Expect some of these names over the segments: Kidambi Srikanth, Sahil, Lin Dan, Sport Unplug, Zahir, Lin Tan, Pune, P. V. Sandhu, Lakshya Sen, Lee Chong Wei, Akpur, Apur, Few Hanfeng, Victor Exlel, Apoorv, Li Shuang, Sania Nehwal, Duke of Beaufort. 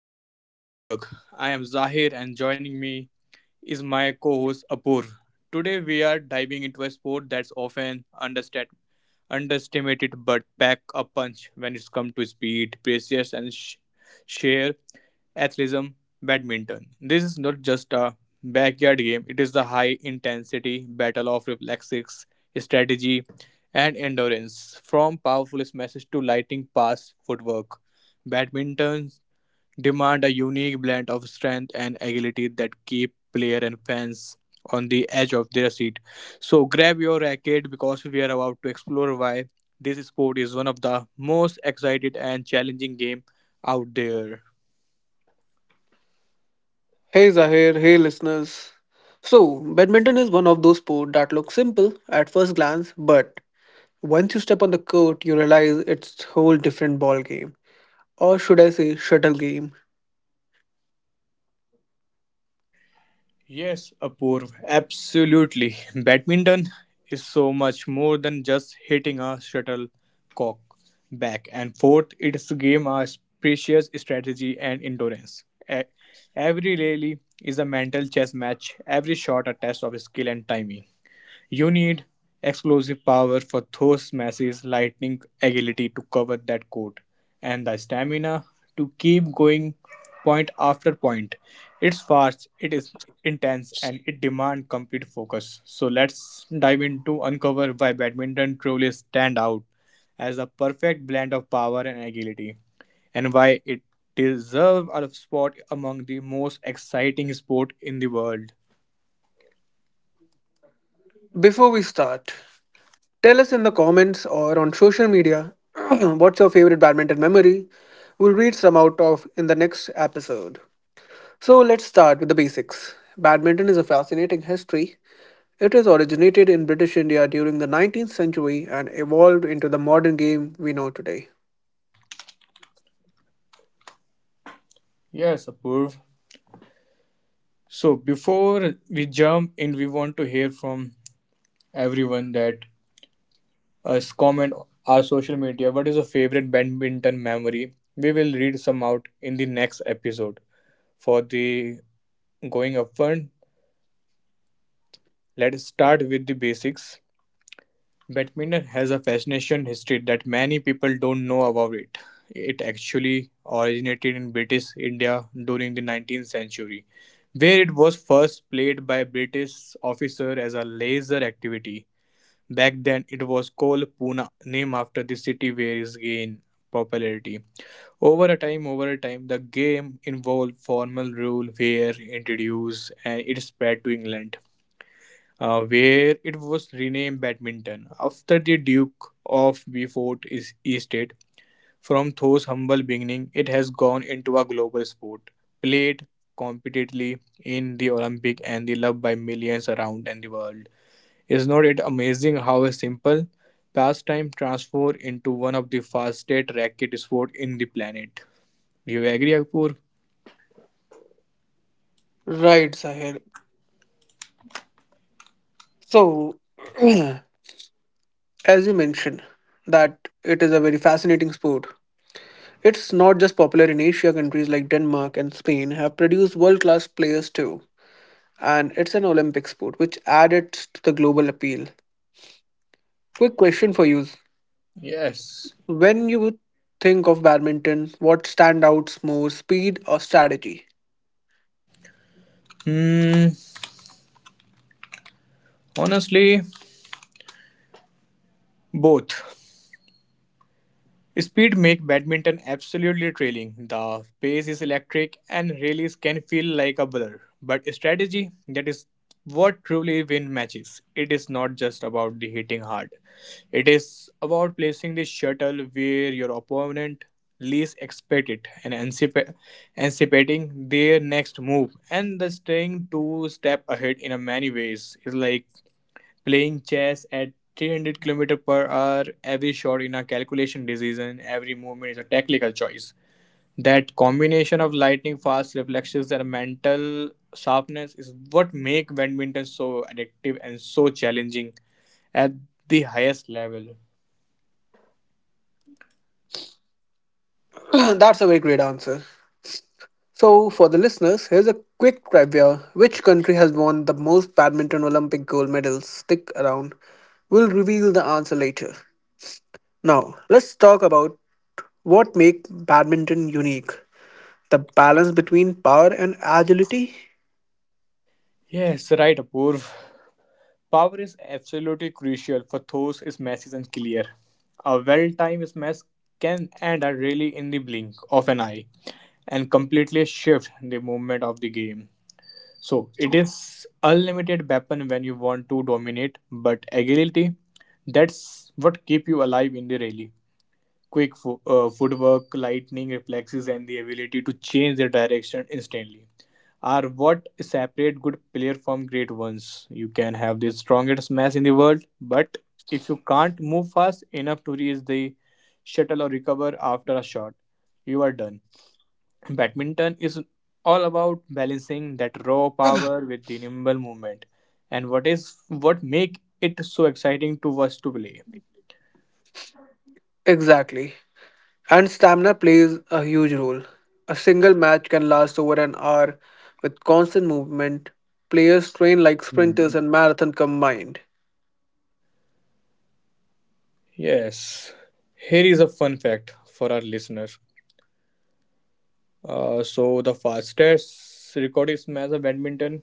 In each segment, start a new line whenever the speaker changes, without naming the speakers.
to Sport Unplug. I am Zahir, and joining me is my co-host Apur. Today we are diving into a sport that's often underestimated but pack a punch when it's come to speed, precious and sheer athleticism, badminton. This is not just a backyard game, it is the high intensity battle of reflexes, strategy and endurance. From powerful smashes to lightning pass footwork, badminton demand a unique blend of strength and agility that keep player and fans on the edge of their seat. So grab your racket because we are about to explore why this sport is one of the most excited and challenging game out there.
Hey Zahir, hey listeners. Badminton is one of those sports that look simple at first glance, but once you step on the court, you realize it's whole different ball game, or should I say shuttle game.
Yes, Apoorv, absolutely. Badminton is so much more than just hitting a shuttlecock back and forth. It's a game of precious strategy and endurance. E- Every rally is a mental chess match, every shot a test of skill and timing. You need explosive power for Thor's massive lightning agility to cover that court, and the stamina to keep going point after point. It's fast, it is intense, and it demands complete focus. So let's dive into uncover why badminton truly stand out as a perfect blend of power and agility, and why it deserves a spot among the most exciting sport in the world.
Before we start, tell us in the comments or on social media what's your favorite badminton memory. We'll read some out of in the next episode. Let's start with the basics. Badminton is a fascinating history. It is originated in British India during the 19th century and evolved into the modern game we know today.
Yes, Apurv. So before we jump in, we want to hear from everyone that us comment our social media. What is your favorite badminton memory? We will read some out in the next episode. For the going upfront, let's start with the basics. Badminton has a fascinating history that many people don't know about it. It actually originated in British India during the 19th century, where it was first played by British officers as a leisure activity. Back then, it was called Pune, named after the city where it gained popularity. Over a time, the game involved formal rule were introduced and it spread to England where it was renamed Badminton after the Duke of Beaufort is estate. From those humble beginning, it has gone into a global sport, played competitively in the Olympic and the loved by millions around and the world. Is not it amazing how a simple pastime transforms into one of the fastest racket sport in the planet? Do you agree, Akpur?
Right, Sahil. So, as you mentioned, that it is a very fascinating sport. It's not just popular in Asia, countries like Denmark and Spain have produced world class players too. And it's an Olympic sport, which added to the global appeal. Quick question for you.
Yes.
When you think of badminton, what standouts more, speed or strategy?
Hmm. Honestly, both. Speed make badminton absolutely thrilling. The pace is electric and rallies can feel like a blur. But strategy that is what truly win matches. It is not just about the hitting hard. It is about placing the shuttle where your opponent least expect it and anticipating their next move and the staying two step ahead in a many ways is like playing chess at 300 kilometer per hour, every shot in a calculation decision, every movement is a tactical choice. That combination of lightning fast reflexes and mental sharpness is what make badminton so addictive and so challenging at the highest level.
That's a very great answer. So, for the listeners, here's a quick trivia. Which country has won the most badminton Olympic gold medals? Stick around. We'll reveal the answer later. Now, let's talk about what makes badminton unique, the balance between power and agility.
Yes, right, Apurv. Power is absolutely crucial for those Is message and clear. A well-timed mess can end a rally in the blink of an eye and completely shift the movement of the game. So it is unlimited weapon when you want to dominate, but agility that's what keep you alive in the rally quick footwork, lightning reflexes, and the ability to change their direction instantly are what separate good player from great ones. You can have the strongest smash in the world, but if you can't move fast enough to reach the shuttle or recover after a shot, you are done. Badminton is all about balancing that raw power with the nimble movement, and what is what make it so exciting to us to play.
Exactly. And stamina plays a huge role. A single match can last over an hour with constant movement. Players train like sprinters and marathon combined.
Yes, here is a fun fact for our listener. So the fastest recorded smash of badminton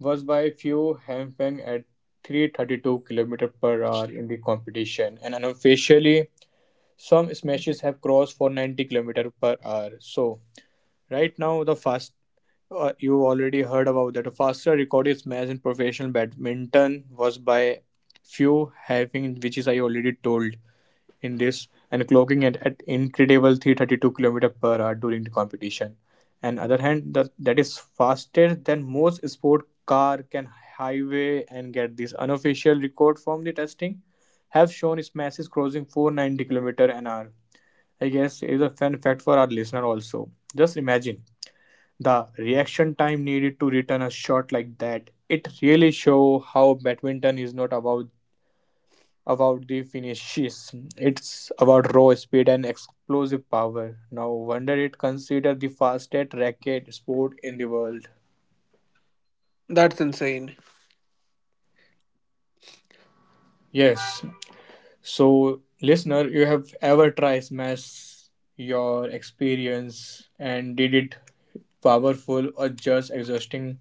was by Few Hanfeng at 332 km per hour in the competition, and unofficially, some smashes have crossed 490 km per hour. So right now, the fast you already heard about that. The faster recorded smash in professional badminton was by Few Hanfeng, which is I already told. In this and clocking at incredible 332 km per hour during the competition. And other hand, that is faster than most sport car can highway and get this unofficial record from the testing have shown its masses crossing 490 km an hour. I guess it is a fun fact for our listener also. Just imagine the reaction time needed to return a shot like that. It really show how badminton is not about the finishes. It's about raw speed and explosive power. No wonder it considered the fastest racket sport in the world.
That's insane.
Yes. So, listener, you have ever tried smash your experience and did it powerful or just exhausting?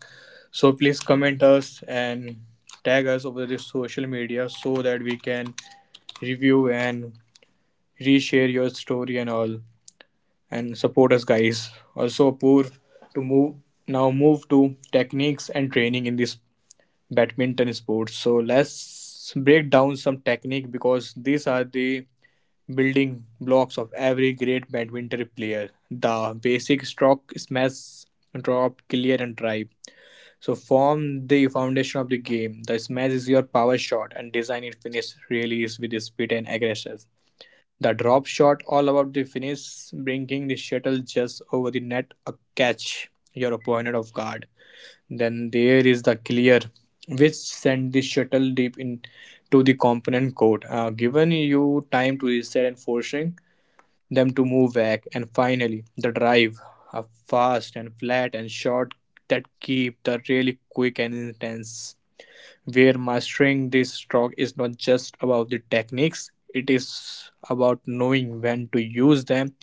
So please comment us and tag us over the social media so that we can review and reshare your story and all. And support us guys. Also Apoor to move to techniques and training in this badminton sport. So let's break down some technique because these are the building blocks of every great badminton player. The basic stroke, smash, drop, clear, and drive. So form the foundation of the game. The smash is your power shot, and design and finish really is with the speed and aggression. The drop shot, all about the finish, bringing the shuttle just over the net, a catch your opponent off guard. Then there is the clear, which sent the shuttle deep into the component court, giving you time to reset and forcing them to move back. And finally, the drive, a fast and flat and short that keep the really quick and intense. Where mastering this stroke is not just about the techniques, it is about knowing when to use them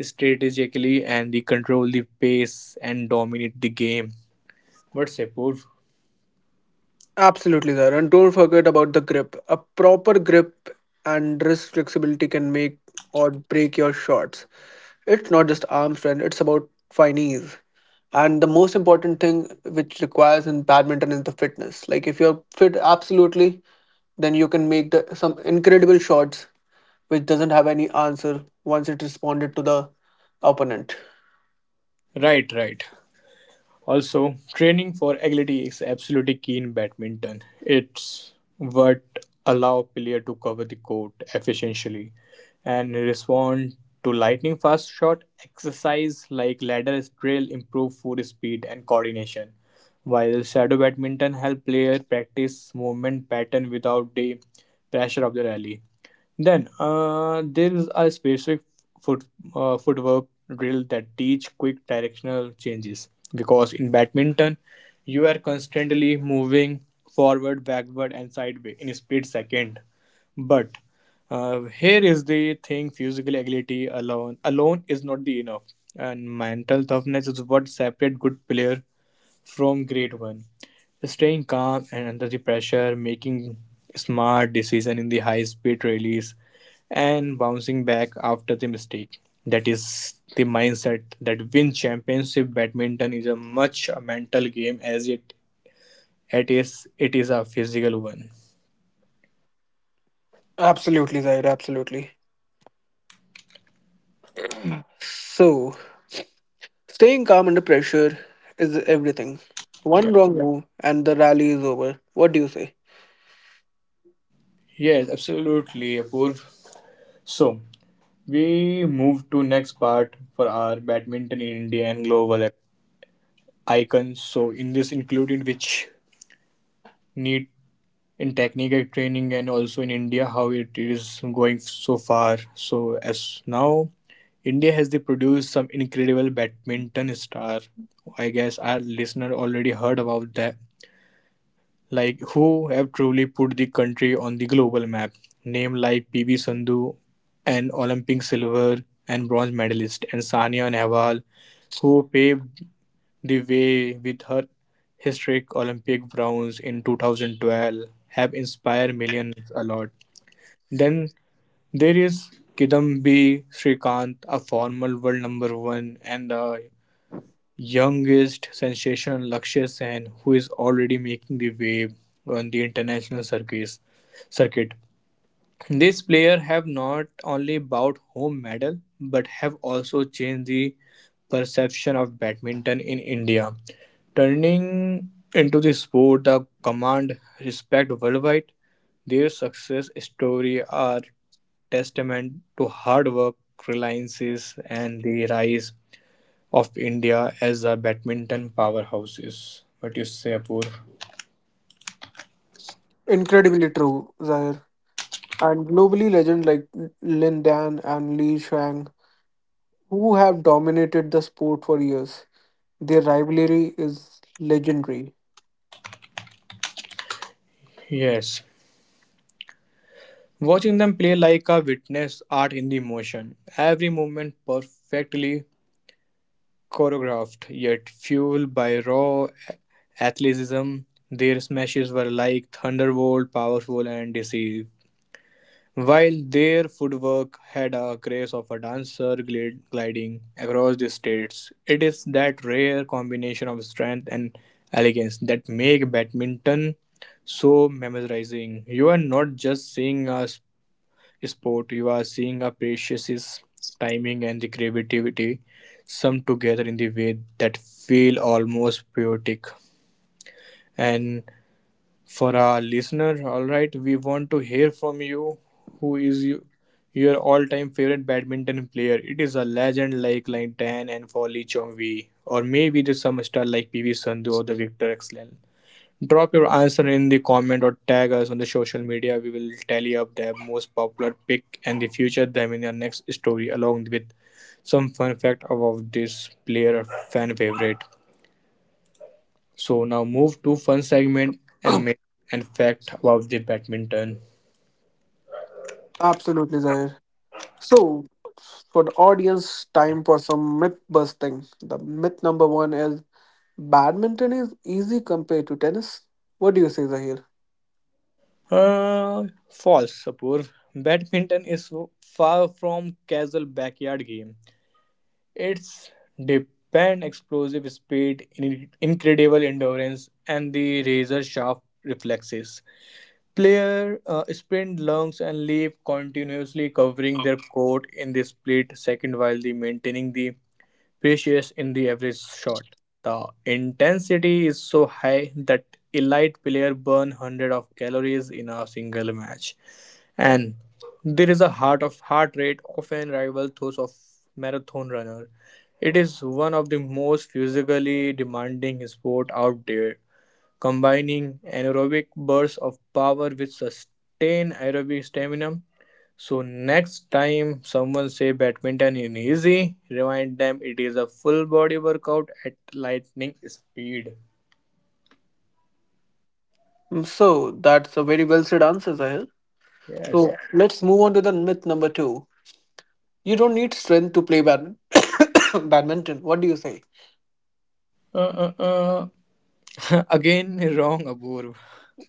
strategically and the control the pace and dominate the game. What's Apoorv?
Absolutely, sir. And don't forget about the grip. A proper grip and wrist flexibility can make or break your shots. It's not just arm strength, it's about finesse. And the most important thing which requires in badminton is the fitness. Like if you're fit absolutely, then you can make some incredible shots which doesn't have any answer once it responded to the opponent.
Right, right. Also, training for agility is absolutely key in badminton. It's what allow player to cover the court efficiently and respond to lightning fast shot exercise like ladder drill improve foot speed and coordination while shadow badminton help player practice movement pattern without the pressure of the rally, then there is a specific foot footwork drill that teach quick directional changes because in badminton you are constantly moving forward, backward, and sideways in a split second. But here is the thing: physical agility alone is not the enough, and mental toughness is what separate good player from grade one. Staying calm and under the pressure, making smart decision in the high speed release, and bouncing back after the mistake. That is the mindset that wins championship badminton is a much a mental game as it is a physical one.
Absolutely, Zaire, absolutely. So Staying calm under pressure is everything.
Yeah.
One wrong move and the rally is over. What do you say?
Yes, absolutely, Apurv. So we move to next part for our badminton in India and global icons. So in this included which need in technical training and also in India how it is going so far. So as now India has they produced some incredible badminton star. I guess our listener already heard about that. Like who have truly put the country on the global map. Name like P. V. Sandhu, an Olympic silver and bronze medalist, and Sania Nehwal, who paved the way with her historic Olympic bronze in 2012 have inspired millions a lot. Then there is Kidambi Srikanth, a former world number one, and the youngest sensation Lakshya Sen, who is already making the wave on the international circuit. These players have not only bought home medal but have also changed the perception of badminton in India, turning into the sport that command respect worldwide. Their success story are testament to hard work, reliance, and the rise of India as a badminton powerhouses. What you say, Apoor?
Incredibly true, Zahir. And globally, legends like Lin Dan and Li Shuang, who have dominated the sport for years, their rivalry is legendary.
Yes. Watching them play like a witness art in the motion, every movement perfectly choreographed yet fueled by raw athleticism. Their smashes were like thunderbolt, powerful and decisive, while their footwork had a grace of a dancer gliding across the states. It is that rare combination of strength and elegance that make badminton so mesmerizing. You are not just seeing a sport you are seeing appreciates his timing and the creativity summed together in the way that feel almost poetic. And for our listener, all right, we want to hear from you who is you, your all time favorite badminton player. It is a legend like Lin Tan and for Lee Chong Wei, or maybe the some star like PV Sandhu or the Victor Exlel. Drop your answer in the comment or tag us on the social media. We will tally up the most popular pick and the future them in our next story along with some fun fact about this player fan favorite. So now move to fun segment and myth and fact about the badminton.
Absolutely, Zahir. So, for the audience, time for some myth busting. The myth number one is badminton is easy compared to tennis. What do you say, Zahir?
Uh, False, Sapur. Badminton is so far from casual backyard game. Its depend explosive speed, incredible endurance, and the razor sharp reflexes. Player sprint, lungs, and leap continuously covering their court in the split second while the maintaining the precious in the average shot. The intensity is so high that elite player burn hundred of calories in a single match. And there is a heart of heart rate often rivals those of marathon runner. It is one of the most physically demanding sport out there, combining anaerobic bursts of power with sustained aerobic stamina. So next time someone say badminton is easy, remind them it is a full body workout at lightning speed.
Mm, so that's a very well said answer, Zahir.
Yes.
So Yeah. Let's move on to the myth number two. You don't need strength to play badminton. What do you say?
Uh, uh, uh. Again, wrong, Abur.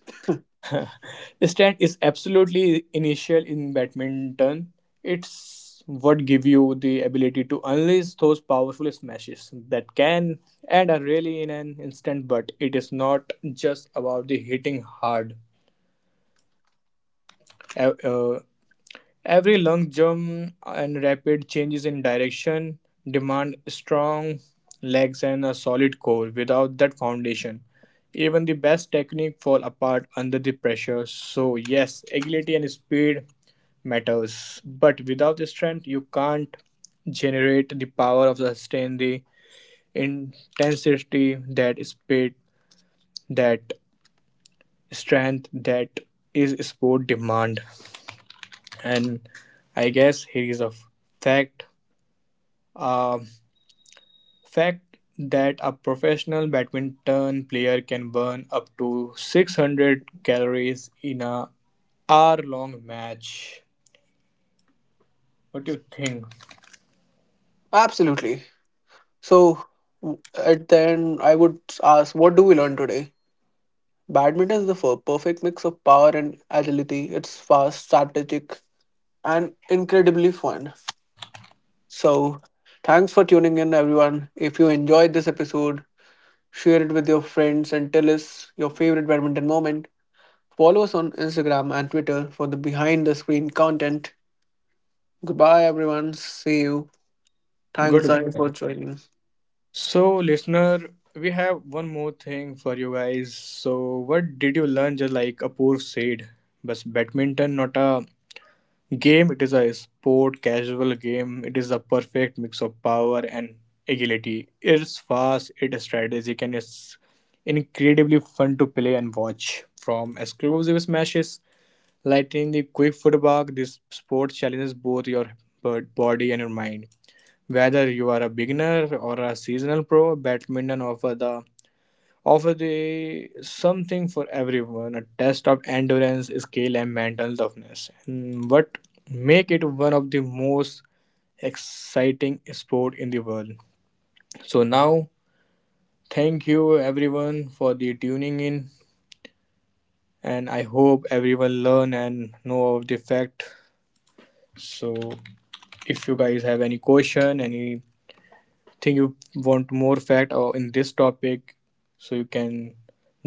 Stand is absolutely initial in badminton. It's what give you the ability to unleash those powerful smashes that can and are really in an instant. But it is not just about the hitting hard. Uh, uh, Every long jump and rapid changes in direction demand strong legs and a solid core. Without that foundation, even the best technique fall apart under the pressure. So yes, agility and speed matters, but without the strength, you can't generate the power of the sustain the intensity that strength that is sport demand. And I guess here is a fact A fact that a professional badminton player can burn up to 600 calories in a hour-long match. What do you think?
Absolutely. So, w- at the end, I would ask, what do we learn today? Badminton is the perfect mix of power and agility. It's fast, strategic, and incredibly fun. So thanks for tuning in, everyone. If you enjoyed this episode, share it with your friends and tell us your favorite badminton moment. Follow us on Instagram and Twitter for the behind the screen content. Goodbye, everyone. See you. Thanks, Zai,
Goodbye.
for joining.
So, listener, we have one more thing for you guys. So, what did you learn? Just like Apoor said, but badminton not a game. It is a sport casual game. It is a perfect mix of power and agility. It's fast, it's strategic, and it's incredibly fun to play and watch. From exclusive smashes, lightning, the quick footwork, this sport challenges both your body and your mind. Whether you are a beginner or a seasonal pro, badminton offer the something for everyone a test of endurance skill and mental toughness and what make it one of the most exciting sport in the world. So now thank you everyone for the tuning in and I hope everyone learn and know of the fact. So if you guys have any question any think you want more fact or in this topic, so you can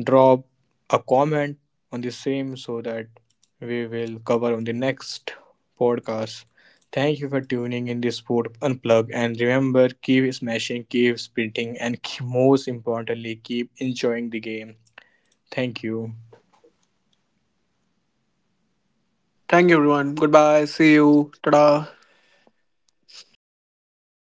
drop a comment on the same so that we will cover on the next podcast. Thank you for tuning in this sport unplug and remember keep smashing, keep sprinting, and keep, most importantly keep enjoying the game. Thank you.
Thank you, everyone. Goodbye. See you. Ta da.
Thank you.